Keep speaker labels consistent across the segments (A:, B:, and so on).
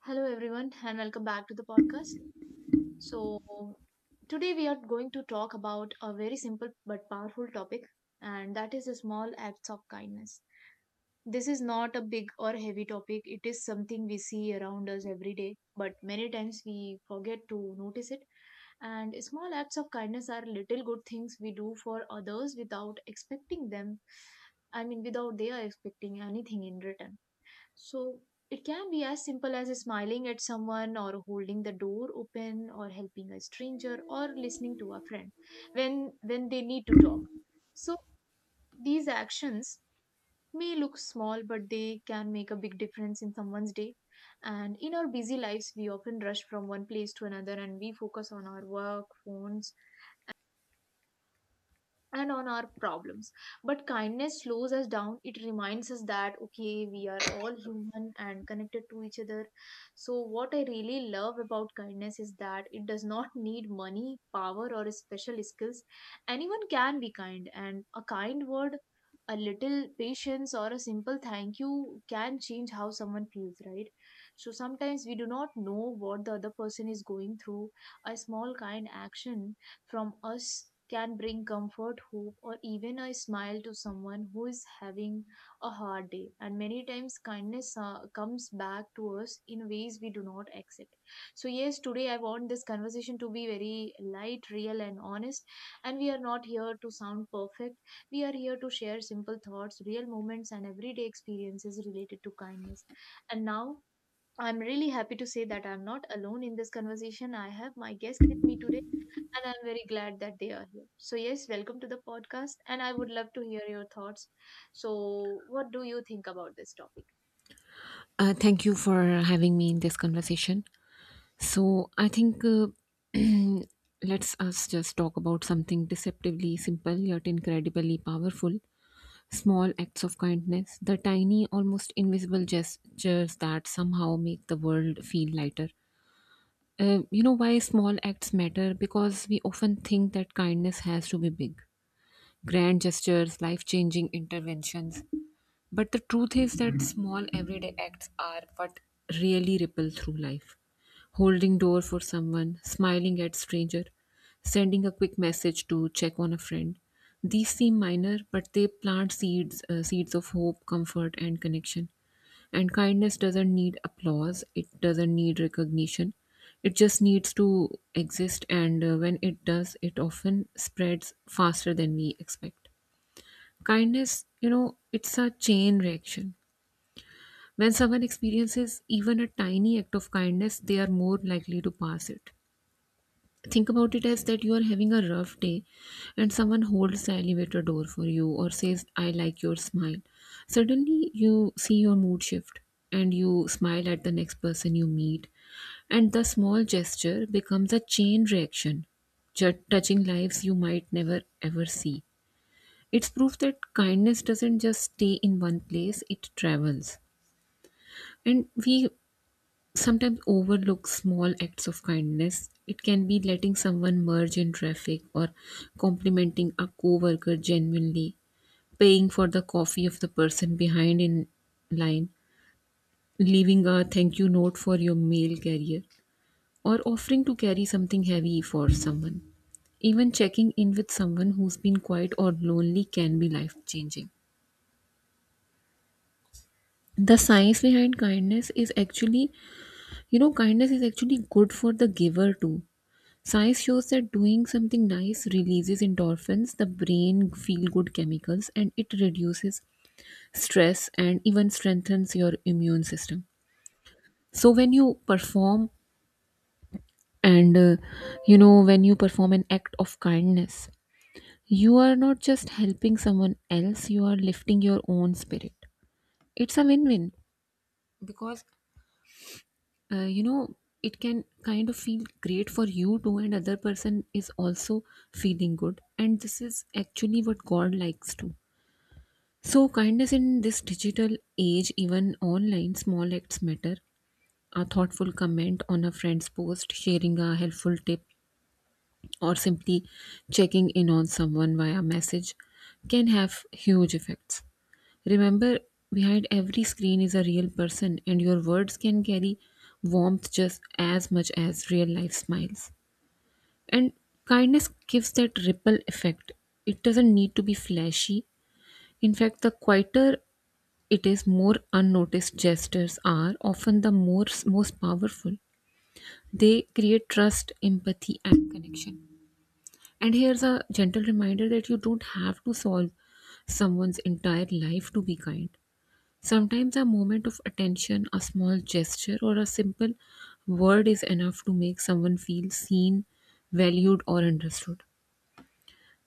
A: Hello, everyone, and welcome back to the podcast. So, today we are going to talk about a very simple but powerful topic, and that is the small acts of kindness. This is not a big or heavy topic, it is something we see around us every day, but many times we forget to notice it. And small acts of kindness are little good things we do for others without expecting them. I mean, without they are expecting anything in return, so it can be as simple as smiling at someone or holding the door open or helping a stranger or listening to a friend when they need to talk. So these actions may look small but they can make a big difference in someone's day. And in our busy lives we often rush from one place to another and we focus on our work, phones, and on our problems. But kindness slows us down. It reminds us that, okay, we are all human and connected to each other. So, what I really love about kindness is that it does not need money, power, or special skills. Anyone can be kind, and a kind word, a little patience, or a simple thank you can change how someone feels, right? So, sometimes we do not know what the other person is going through. A small kind action from us can bring comfort, hope, or even a smile to someone who is having a hard day. And many times, kindness comes back to us in ways we do not accept. So, yes, today I want this conversation to be very light, real, and honest. And we are not here to sound perfect, we are here to share simple thoughts, real moments, and everyday experiences related to kindness. And now, I'm really happy to say that I'm not alone in this conversation. I have my guest with me today and I'm very glad that they are here. So, yes, welcome to the podcast, and I would love to hear your thoughts. So, what do you think about this topic?
B: Thank you for having me in this conversation. So, I think let's us just talk about something deceptively simple yet incredibly powerful, small acts of kindness, the tiny, almost invisible gestures that somehow make the world feel lighter. You know why small acts matter? Because we often think that kindness has to be big. Grand gestures, life changing interventions, but the truth is that small everyday acts are what really ripple through life. Holding door for someone, smiling at stranger, sending a quick message to check on a friend. These seem minor, but they plant seeds, seeds of hope, comfort, and connection. And kindness doesn't need applause. It doesn't need recognition. It just needs to exist, and when it does, it often spreads faster than we expect. Kindness, it's a chain reaction. When someone experiences even a tiny act of kindness, they are more likely to pass it. Think about it as that you are having a rough day and someone holds the elevator door for you or says, I like your smile. Suddenly, you see your mood shift and you smile at the next person you meet, and the small gesture becomes a chain reaction, touching lives you might never ever see. It's proof that kindness doesn't just stay in one place, it travels. And we sometimes overlook small acts of kindness. It can be letting someone merge in traffic, or complimenting a coworker genuinely, paying for the coffee of the person behind in line, leaving a thank you note for your mail carrier, or offering to carry something heavy for someone. Even checking in with someone who's been quiet or lonely can be life changing. The science behind kindness is actually, kindness is actually good for the giver too. Science shows that doing something nice releases endorphins, the brain feel good chemicals, and it reduces stress and even strengthens your immune system. So, when you perform, and uh, when you perform an act of kindness, you are not just helping someone else, you are lifting your own spirit. It's a win win, because uh, you know it can kind of feel great for you too, and other person is also feeling good, and this is actually what god likes to. So kindness in this digital age, even online, small acts matter. A thoughtful comment on a friend's post, sharing a helpful tip, or simply checking in on someone via message can have huge effects. Remember, behind every screen is a real person, and your words can carry warmth just as much as real life smiles. And kindness gives that ripple effect. It doesn't need to be flashy. In fact, the quieter it is, more unnoticed gestures are often the most powerful. They create trust, empathy, and connection. And here's a gentle reminder that you don't have to solve someone's entire life to be kind. Sometimes a moment of attention, a small gesture, or a simple word is enough to make someone feel seen, valued, or understood.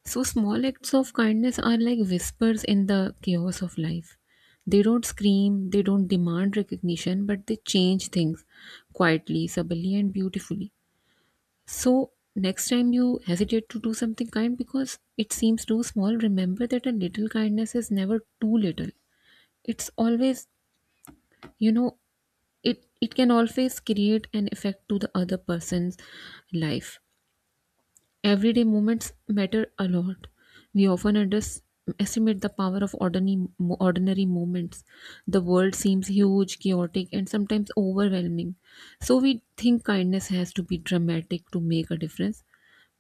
B: So, small acts of kindness are like whispers in the chaos of life. They don't scream, they don't demand recognition, but they change things quietly, subtly, and beautifully. So, next time you hesitate to do something kind because it seems too small, remember that a little kindness is never too little. It's always, you know, it can always create an effect to the other person's life. Everyday moments matter a lot. We often underestimate the power of ordinary moments. The world seems huge, chaotic, and sometimes overwhelming, so we think kindness has to be dramatic to make a difference.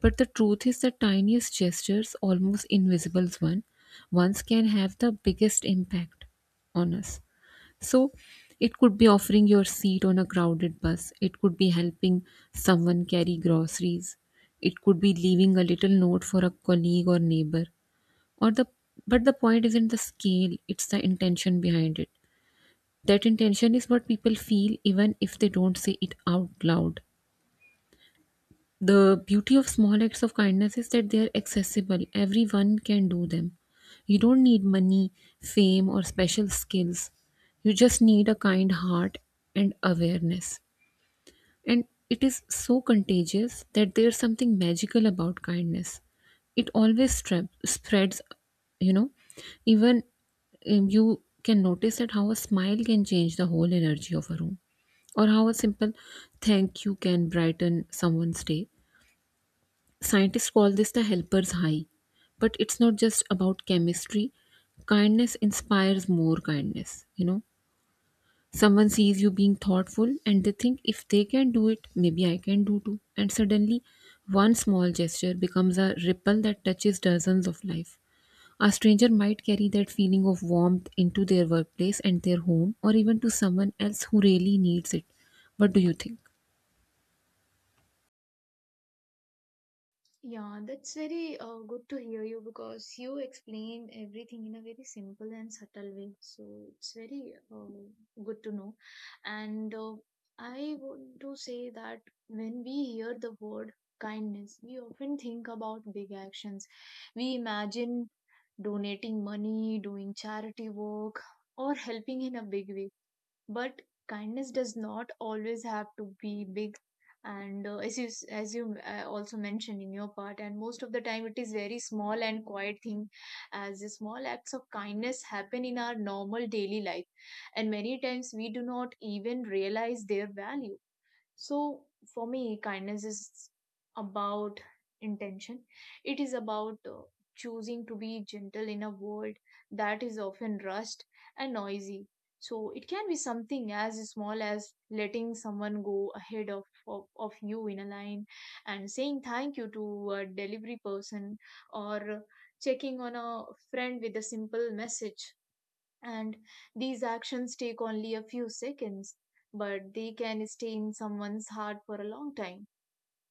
B: But the truth is the tiniest gestures, almost invisible ones, can have the biggest impact on us. So it could be offering your seat on a crowded bus, it could be helping someone carry groceries, it could be leaving a little note for a colleague or neighbor. Or the But the point isn't the scale, it's the intention behind it. That intention is what people feel even if they don't say it out loud. The beauty of small acts of kindness is that they are accessible. Everyone can do them. You don't need money, fame, or special skills. You just need a kind heart and awareness. And it is so contagious that there's something magical about kindness. It always spreads, you know. Even you can notice that how a smile can change the whole energy of a room, or how a simple thank you can brighten someone's day. Scientists call this the helper's high. But it's not just about chemistry. Kindness inspires more kindness, you know. Someone sees you being thoughtful and they think if they can do it, maybe I can do too. And suddenly, one small gesture becomes a ripple that touches dozens of lives. A stranger might carry that feeling of warmth into their workplace and their home, or even to someone else who really needs it. What do you think?
A: Yeah, that's very good to hear you because you explained everything in a very simple and subtle way. So it's very good to know. And I want to say that when we hear the word kindness, we often think about big actions. We imagine donating money, doing charity work, or helping in a big way, but kindness does not always have to be big. And as you also mentioned in your part, and most of the time it is very small and quiet thing, as the small acts of kindness happen in our normal daily life and many times we do not even realize their value. So for me, kindness is about intention. It is about choosing to be gentle in a world that is often rushed and noisy. So it can be something as small as letting someone go ahead of you in a line, and saying thank you to a delivery person, or checking on a friend with a simple message. And these actions take only a few seconds, but they can stay in someone's heart for a long time.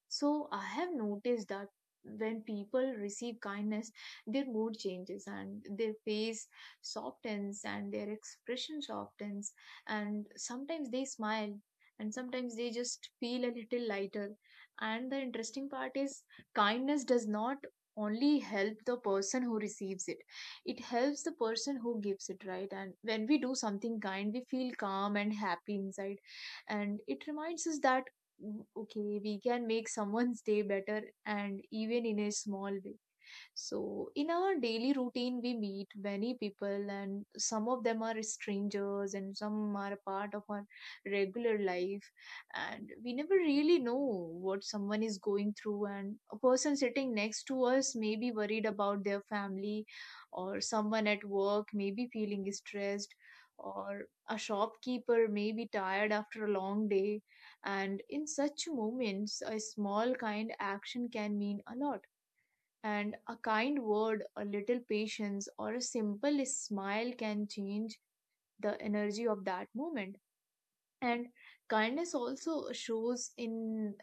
A: So I have noticed that when people receive kindness, their mood changes, and their face softens, and their expression softens. And sometimes they smile and sometimes they just feel a little lighter. And the interesting part is, kindness does not only help the person who receives it, it helps the person who gives it, right? And when we do something kind we feel calm and happy inside, and it reminds us that, okay, we can make someone's day better, and even in a small way. So in our daily routine we meet many people, and some of them are strangers and some are a part of our regular life, and we never really know what someone is going through. And a person sitting next to us may be worried about their family, or someone at work may be feeling stressed, or a shopkeeper may be tired after a long day. And in such moments, a small kind action can mean a lot. And a kind word, a little patience, or a simple smile can change the energy of that moment. And kindness also shows in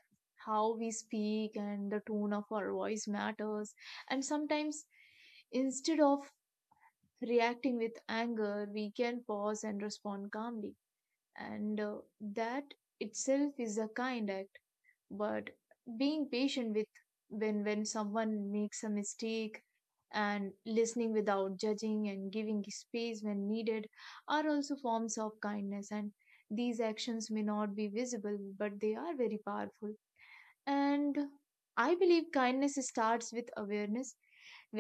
A: how we speak, and the tone of our voice matters. And sometimes, instead of reacting with anger, we can pause and respond calmly. And that itself is a kind act. But being patient with, when someone makes a mistake, and listening without judging, and giving space when needed are also forms of kindness, and these actions may not be visible but they are very powerful. And I believe kindness starts with awareness.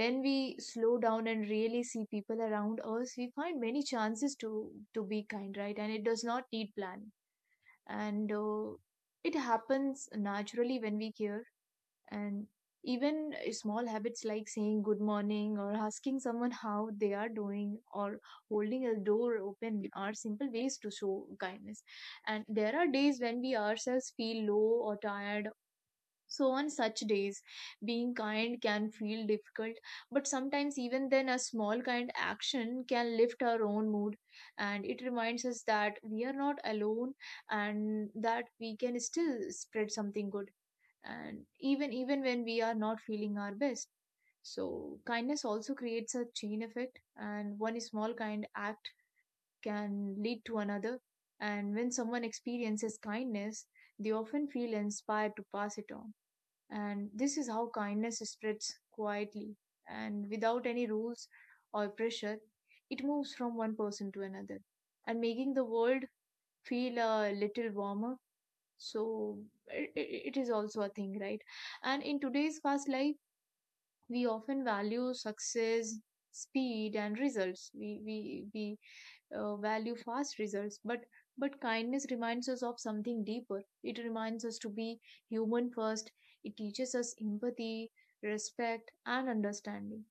A: When we slow down and really see people around us, we find many chances to be kind, right? And it does not need planning, and it happens naturally when we care. And even, small habits like saying good morning, or asking someone how they are doing, or holding a door open are simple ways to show kindness. And there are days when we ourselves feel low or tired. So, on such days, being kind can feel difficult, but sometimes, even then, a small kind action can lift our own mood. And it reminds us that we are not alone, and that we can still spread something good. And even when we are not feeling our best. So, kindness also creates a chain effect, and one small kind act can lead to another. And when someone experiences kindness, they often feel inspired to pass it on. And this is how kindness spreads quietly, and without any rules or pressure. It moves from one person to another, and making the world feel a little warmer. So it is also a thing, right? And in today's fast life, we often value success, speed, and results. We value fast results, but kindness reminds us of something deeper. It reminds us to be human first. It teaches us empathy, respect, and understanding.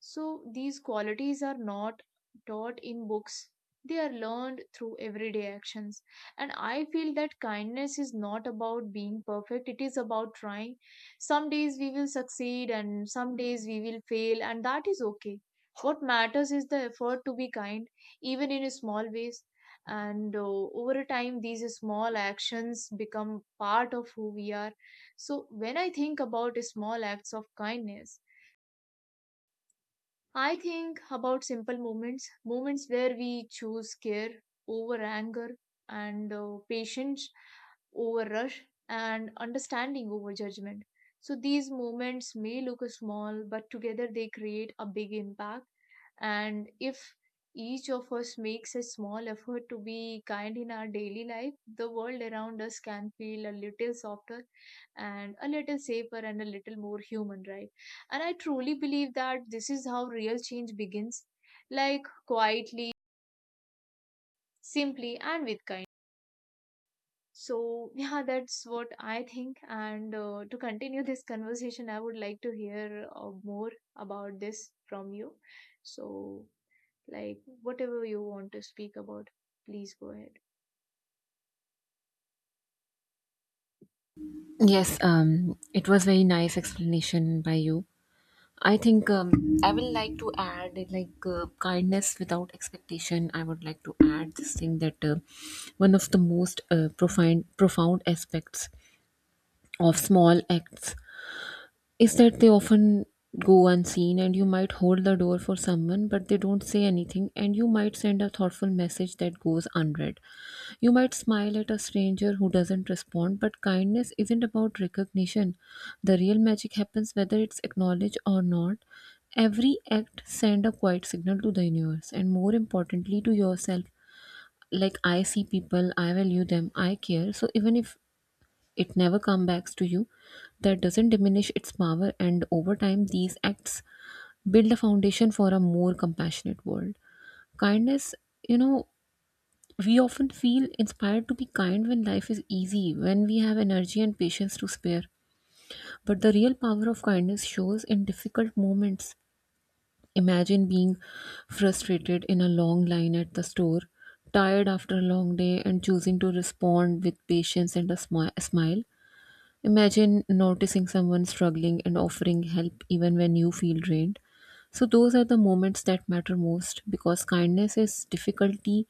A: So these qualities are not taught in books. They are learned through everyday actions. And I feel that kindness is not about being perfect, it is about trying. Some days we will succeed and some days we will fail, and that is okay. What matters is the effort to be kind, even in small ways. And over a time, these small actions become part of who we are. So, when I think about small acts of kindness, I think about simple moments, moments where we choose care over anger, and patience over rush, and understanding over judgment. So these moments may look small, but together they create a big impact. And if each of us makes a small effort to be kind in our daily life, the world around us can feel a little softer, and a little safer, and a little more human, right? And I truly believe that this is how real change begins, like quietly, simply, and with kindness. So, yeah, that's what I think. And to continue this conversation, I would like to hear more about this from you. So, like, whatever you want to speak about, please go ahead.
B: Yes, it was very nice explanation by you. I will like to add kindness without expectation. I would like to add this thing that one of the most profound profound aspects of small acts is that they often go unseen, and you might hold the door for someone but they don't say anything, and you might send a thoughtful message that goes unread, you might smile at a stranger who doesn't respond, but kindness isn't about recognition. The real magic happens whether it's acknowledged or not. Every act send a quiet signal to the universe and more importantly to yourself, like I see people, I value them, I care. So even if it never comes back to you, that doesn't diminish its power. And over time, these acts build a foundation for a more compassionate world. Kindness, you know, we often feel inspired to be kind when life is easy, when we have energy and patience to spare. But the real power of kindness shows in difficult moments. Imagine being frustrated in a long line at the store, tired after a long day, and choosing to respond with patience and a smile. Imagine noticing someone struggling and offering help even when you feel drained. So, those are the moments that matter most because kindness is difficulty.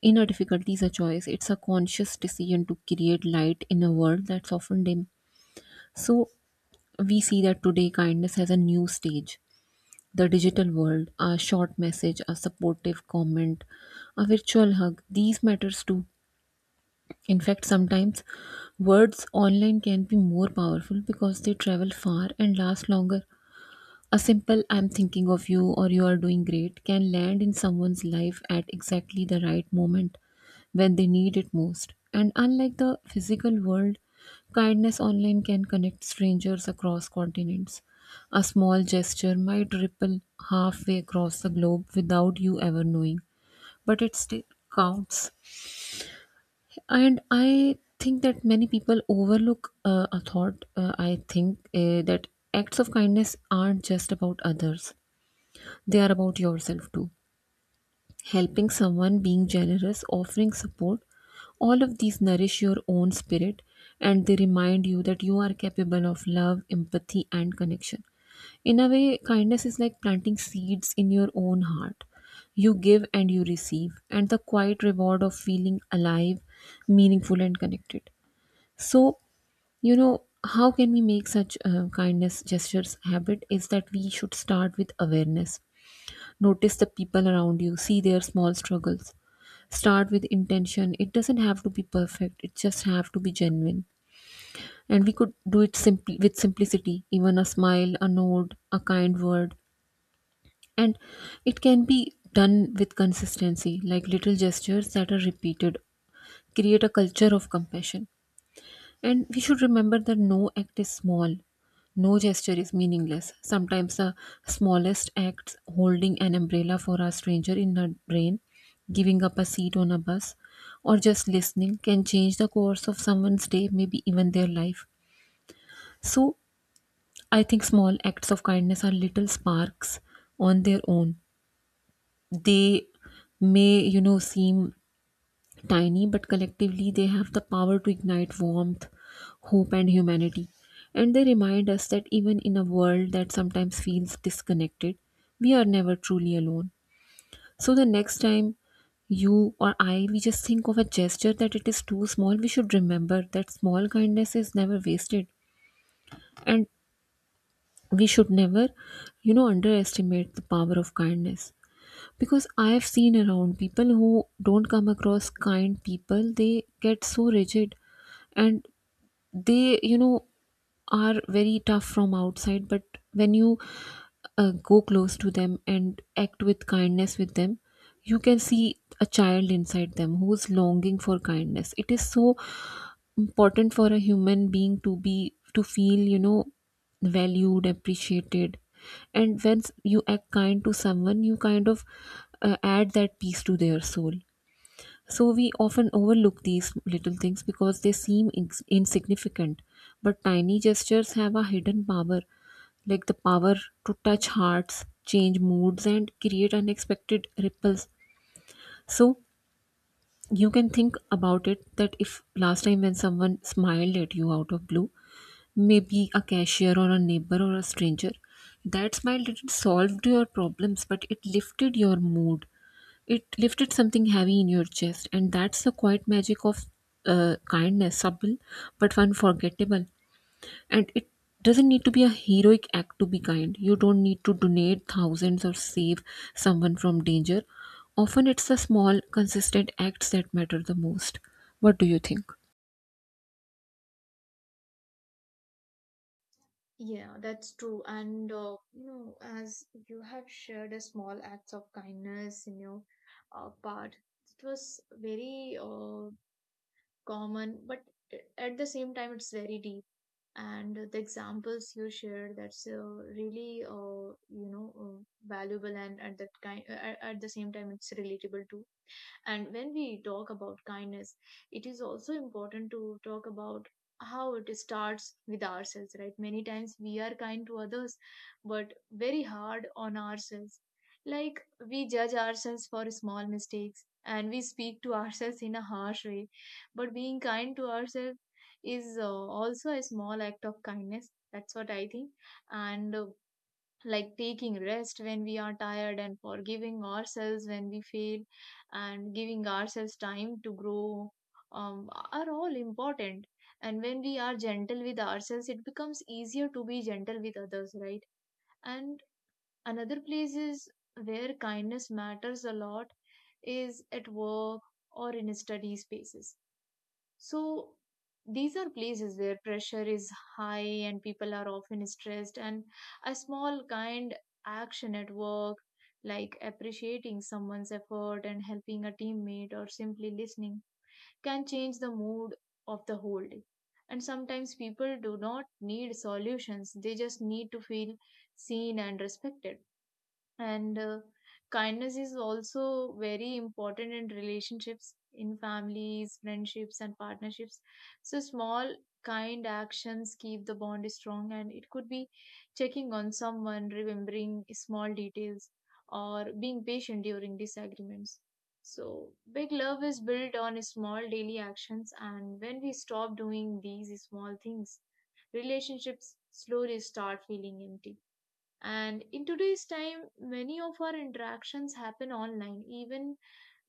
B: Inner difficulty is a choice, it's a conscious decision to create light in a world that's often dim. So, we see that today kindness has a new stage, the digital world. A short message, a supportive comment, a virtual hug. These matters too. In fact, sometimes words online can be more powerful because they travel far and last longer. A simple I'm thinking of you or you are doing great can land in someone's life at exactly the right moment when they need it most. And unlike the physical world, kindness online can connect strangers across continents. A small gesture might ripple halfway across the globe without you ever knowing, but it still counts. And I think that many people overlook, a thought, I think that acts of kindness aren't just about others, they are about yourself too. Helping someone, being generous, offering support, all of these nourish your own spirit, and they remind you that you are capable of love, empathy, and connection. In a way, kindness is like planting seeds in your own heart. You give and you receive, and the quiet reward of feeling alive, meaningful, and connected. So, you know, how can we make such kindness gestures habit is that we should start with awareness. Notice the people around you, see their small struggles. Start with intention. It doesn't have to be perfect. It just have to be genuine. And we could do it simply with simplicity, even a smile, a nod, a kind word. And it can be done with consistency, like little gestures that are repeated. Create a culture of compassion. And we should remember that no act is small, no gesture is meaningless. Sometimes the smallest acts, holding an umbrella for a stranger in a rain, giving up a seat on a bus, or just listening, can change the course of someone's day, maybe even their life. So I think small acts of kindness are little sparks on their own. They may, you know, seem tiny, but collectively they have the power to ignite warmth, hope, and humanity. And they remind us that even in a world that sometimes feels disconnected, we are never truly alone. So the next time you or I, we just think of a gesture that it is too small, we should remember that small kindness is never wasted. And we should never, underestimate the power of kindness, because I have seen around people who don't come across kind people. They get so rigid, and they are very tough from outside. But when you go close to them and act with kindness with them, you can see a child inside them who's longing for kindness. It is so important for a human being to be to feel, valued, appreciated. And you act kind to someone, you kind of add that peace to their soul. So we often overlook these little things because they seem insignificant, but tiny gestures have a hidden power, like the power to touch hearts, change moods, and create unexpected ripples. So you can think about it, that if last time when someone smiled at you out of blue, maybe a cashier or a neighbor or a stranger. That smile didn't solve your problems, but it lifted your mood. It lifted something heavy in your chest, and that's the quiet magic of kindness, subtle but unforgettable. And it doesn't need to be a heroic act to be kind. You don't need to donate thousands or save someone from danger. Often, it's the small, consistent acts that matter the most. What do you think?
A: Yeah, that's true. And, you know, as you have shared a small acts of kindness in your part, it was very common, but at the same time, it's very deep. And the examples you shared, that's really, you know, valuable, and at that kind, at the same time, it's relatable too. And when we talk about kindness, it is also important to talk about how it starts with ourselves, right? Many times we are kind to others, but very hard on ourselves. Like, we judge ourselves for small mistakes, and we speak to ourselves in a harsh way. But being kind to ourselves is also a small act of kindness. That's what I think. And like taking rest when we are tired, and forgiving ourselves when we fail, and giving ourselves time to grow are all important. And when we are gentle with ourselves it becomes easier to be gentle with others, right? And another place is where kindness matters a lot is at work or in study spaces. So these are places where pressure is high and people are often stressed, and a small kind action at work, like appreciating someone's effort, and helping a teammate, or simply listening, can change the mood of the whole day. And sometimes people do not need solutions, they just need to feel seen and respected, and kindness is also very important in relationships, in families, friendships, and partnerships. So small kind actions keep the bond strong, and it could be checking on someone, remembering small details, or being patient during disagreements. So big love is built on small daily actions, and when we stop doing these small things, relationships slowly start feeling empty. And in today's time, many of our interactions happen online, even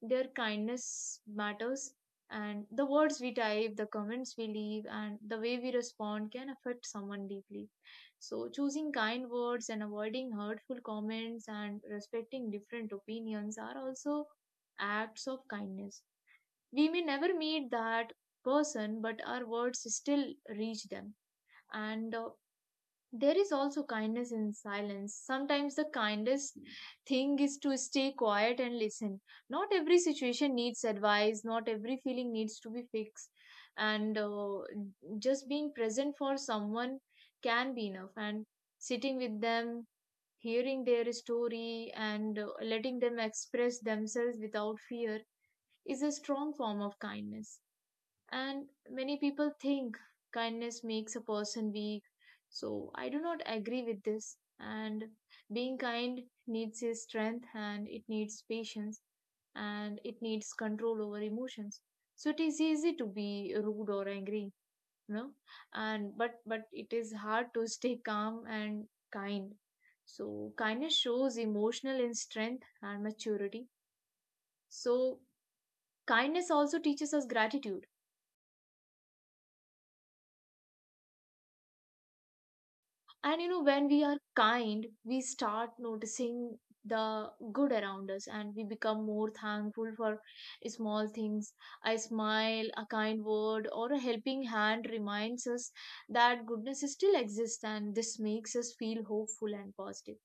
A: their kindness matters. And the words we type, the comments we leave, and the way we respond can affect someone deeply. So, choosing kind words and avoiding hurtful comments and respecting different opinions are also acts of kindness. We may never meet that person, but our words still reach them. And There is also kindness in silence. Sometimes the kindest thing is to stay quiet and listen. Not every situation needs advice, not every feeling needs to be fixed. And Just being present for someone can be enough. And sitting with them, hearing their story, and letting them express themselves without fear is a strong form of kindness. And many people think kindness makes a person weak. So I do not agree with this. And being kind needs a strength, and it needs patience, and it needs control over emotions. So it is easy to be rude or angry, you know, and but it is hard to stay calm and kind. So kindness shows emotional in strength and maturity. So kindness also teaches us gratitude. And you know, when we are kind, we start noticing the good around us, and we become more thankful for small things. A smile, a kind word, or a helping hand reminds us that goodness still exists, and this makes us feel hopeful and positive.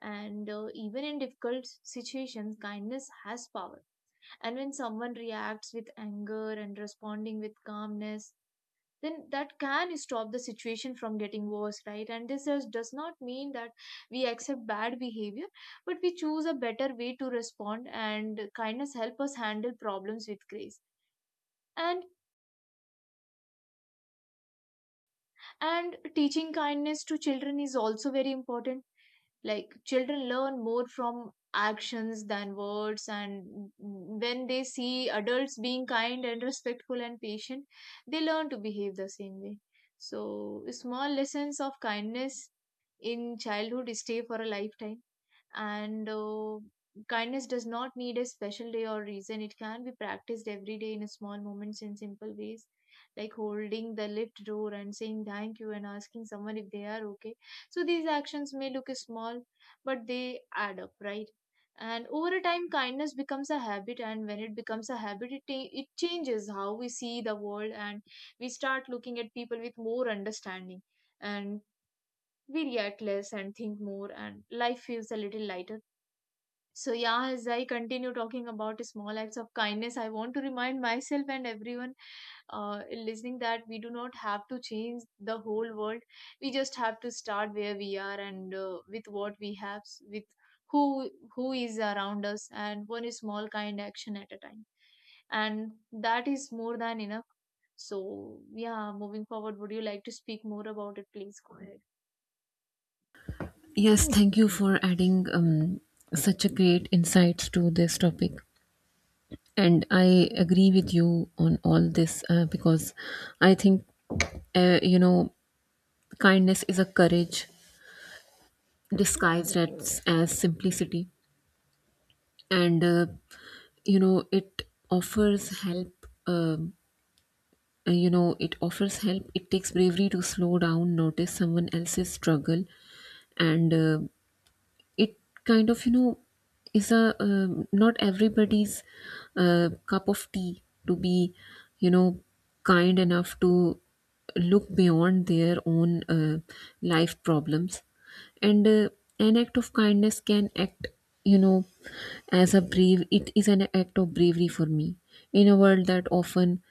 A: And even in difficult situations, kindness has power. And when someone reacts with anger and responding with calmness, then that can stop the situation from getting worse, right? And this is, does not mean that we accept bad behavior, but we choose a better way to respond, and kindness help us handle problems with grace. And and teaching kindness to children is also very important. Like children learn more from actions than words, and when they see adults being kind and respectful and patient, they learn to behave the same way. So small lessons of kindness in childhood stay for a lifetime. And Kindness does not need a special day or reason. It can be practiced every day in small moments, in simple ways, like holding the lift door and saying thank you and asking someone if they are okay. So these actions may look small, but they add up, right? And over a time, kindness becomes a habit, and when it becomes a habit, it changes how we see the world, and we start looking at people with more understanding, and we react less and think more, and life feels a little lighter. So, yeah, as I continue talking about small acts of kindness, I want to remind myself and everyone listening that we do not have to change the whole world. We just have to start where we are, and with what we have, with who who is around us, and one small kind action at a time. And that is more than enough. So, yeah, moving forward, would you like to speak more about it? Please go ahead.
B: Yes, thank you for adding such a great insights to this topic. And I agree with you on all this, because I think, uh, you know, kindness is a courage disguised as simplicity. And, it offers help. It takes bravery to slow down, notice someone else's struggle, and it kind of you know is a not everybody's cup of tea to be, you know kind enough to look beyond their own life problems. And an act of kindness can act, you know as a brave it is an act of bravery for me. In a world that often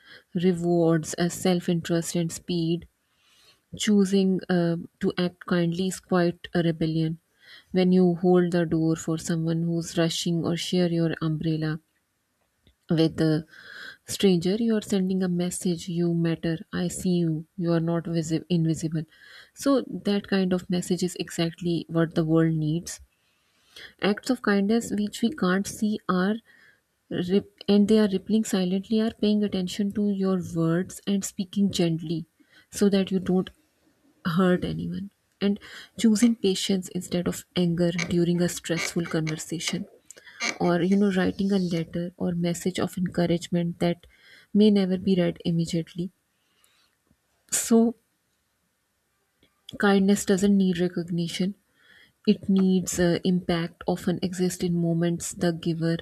B: rewards a self interest and speed, choosing to act kindly is quite a rebellion. When you hold the door for someone who's rushing or share your umbrella with a stranger, you are sending a message: you matter, I see you, you are not invisible. So, that kind of message is exactly what the world needs. Acts of kindness which we can't see are rip- and they are rippling silently, are paying attention to your words and speaking gently so that you don't hurt anyone, and choosing patience instead of anger during a stressful conversation, or you know, writing a letter or message of encouragement that may never be read immediately. So, kindness doesn't need recognition, it needs impact, often exists in moments the giver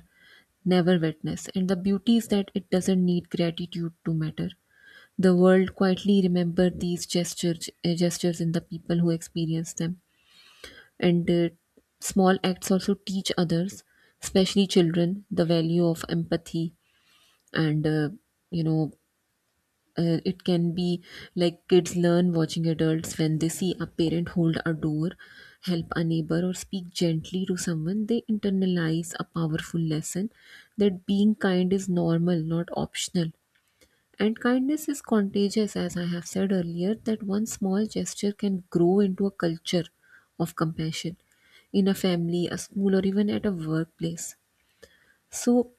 B: never witness, and the beauty is that it doesn't need gratitude to matter. The world quietly remember these gestures in the people who experience them. And small acts also teach others, especially children, the value of empathy. And you know it can be like, kids learn watching adults. When they see a parent hold a door, help a neighbor, or speak gently to someone, they internalize a powerful lesson, that being kind is normal, not optional. And kindness is contagious, as I have said earlier, that one small gesture can grow into a culture of compassion in a family, a school, or even at a workplace. So,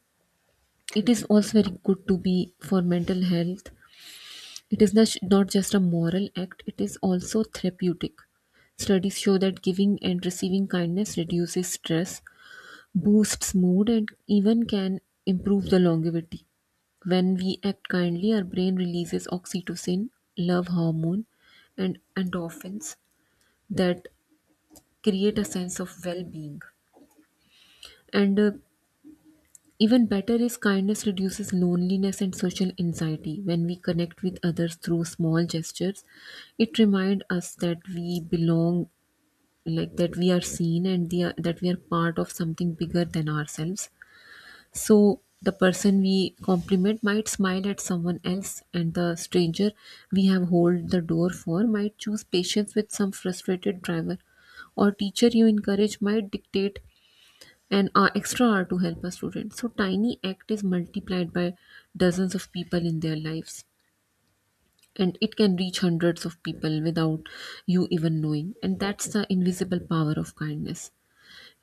B: it is also very good to be for mental health. It is not just a moral act, it is also therapeutic. Studies show that giving and receiving kindness reduces stress, boosts mood, and even can improve the longevity. When we act kindly, our brain releases oxytocin, love hormone, and endorphins that create a sense of well being. And even better is kindness reduces loneliness and social anxiety. When we connect with others through small gestures, it reminds us that we belong, like that we are seen, that we are part of something bigger than ourselves. So the person we compliment might smile at someone else, and the stranger we have hold the door for might choose patience with some frustrated driver, or teacher you encourage might dictate an extra hour to help a student. So tiny act is multiplied by dozens of people in their lives, and it can reach hundreds of people without you even knowing. And that's the invisible power of kindness.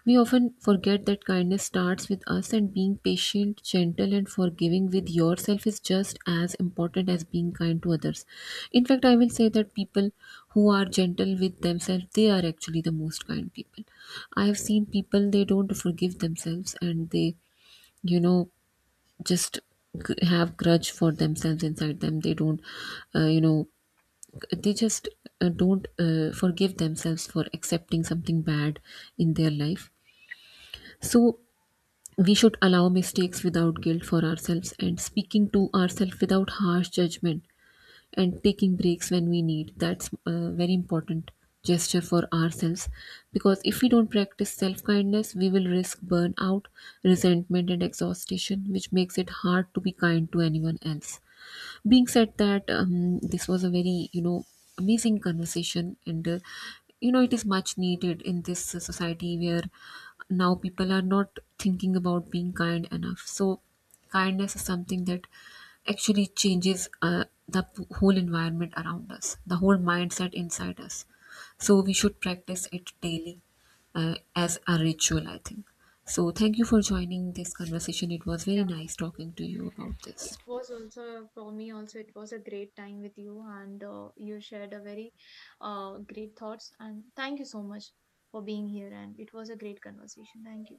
B: We often forget that kindness starts with us, and being patient, gentle, and forgiving with yourself is just as important as being kind to others. In fact, I will say that people who are gentle with themselves, they are actually the most kind people. I have seen people, they don't forgive themselves and they, you know, just have grudge for themselves inside them. They don't, you know, they just don't forgive themselves for accepting something bad in their life. So, we should allow mistakes without guilt for ourselves, and speaking to ourselves without harsh judgment, and taking breaks when we need, that's a very important gesture for ourselves. Because if we don't practice self-kindness, we will risk burnout, resentment, and exhaustion, which makes it hard to be kind to anyone else. Being said that, this was a very, amazing conversation. And it is much needed in this society, where now people are not thinking about being kind enough. So kindness is something that actually changes whole environment around us, the whole mindset inside us. So we should practice it daily, as a ritual I think. So thank you for joining this conversation, it was very nice talking to you about this.
A: It was also for me, also it was a great time with you, and you shared a very great thoughts, and thank you so much for being here, and it was a great conversation. Thank you.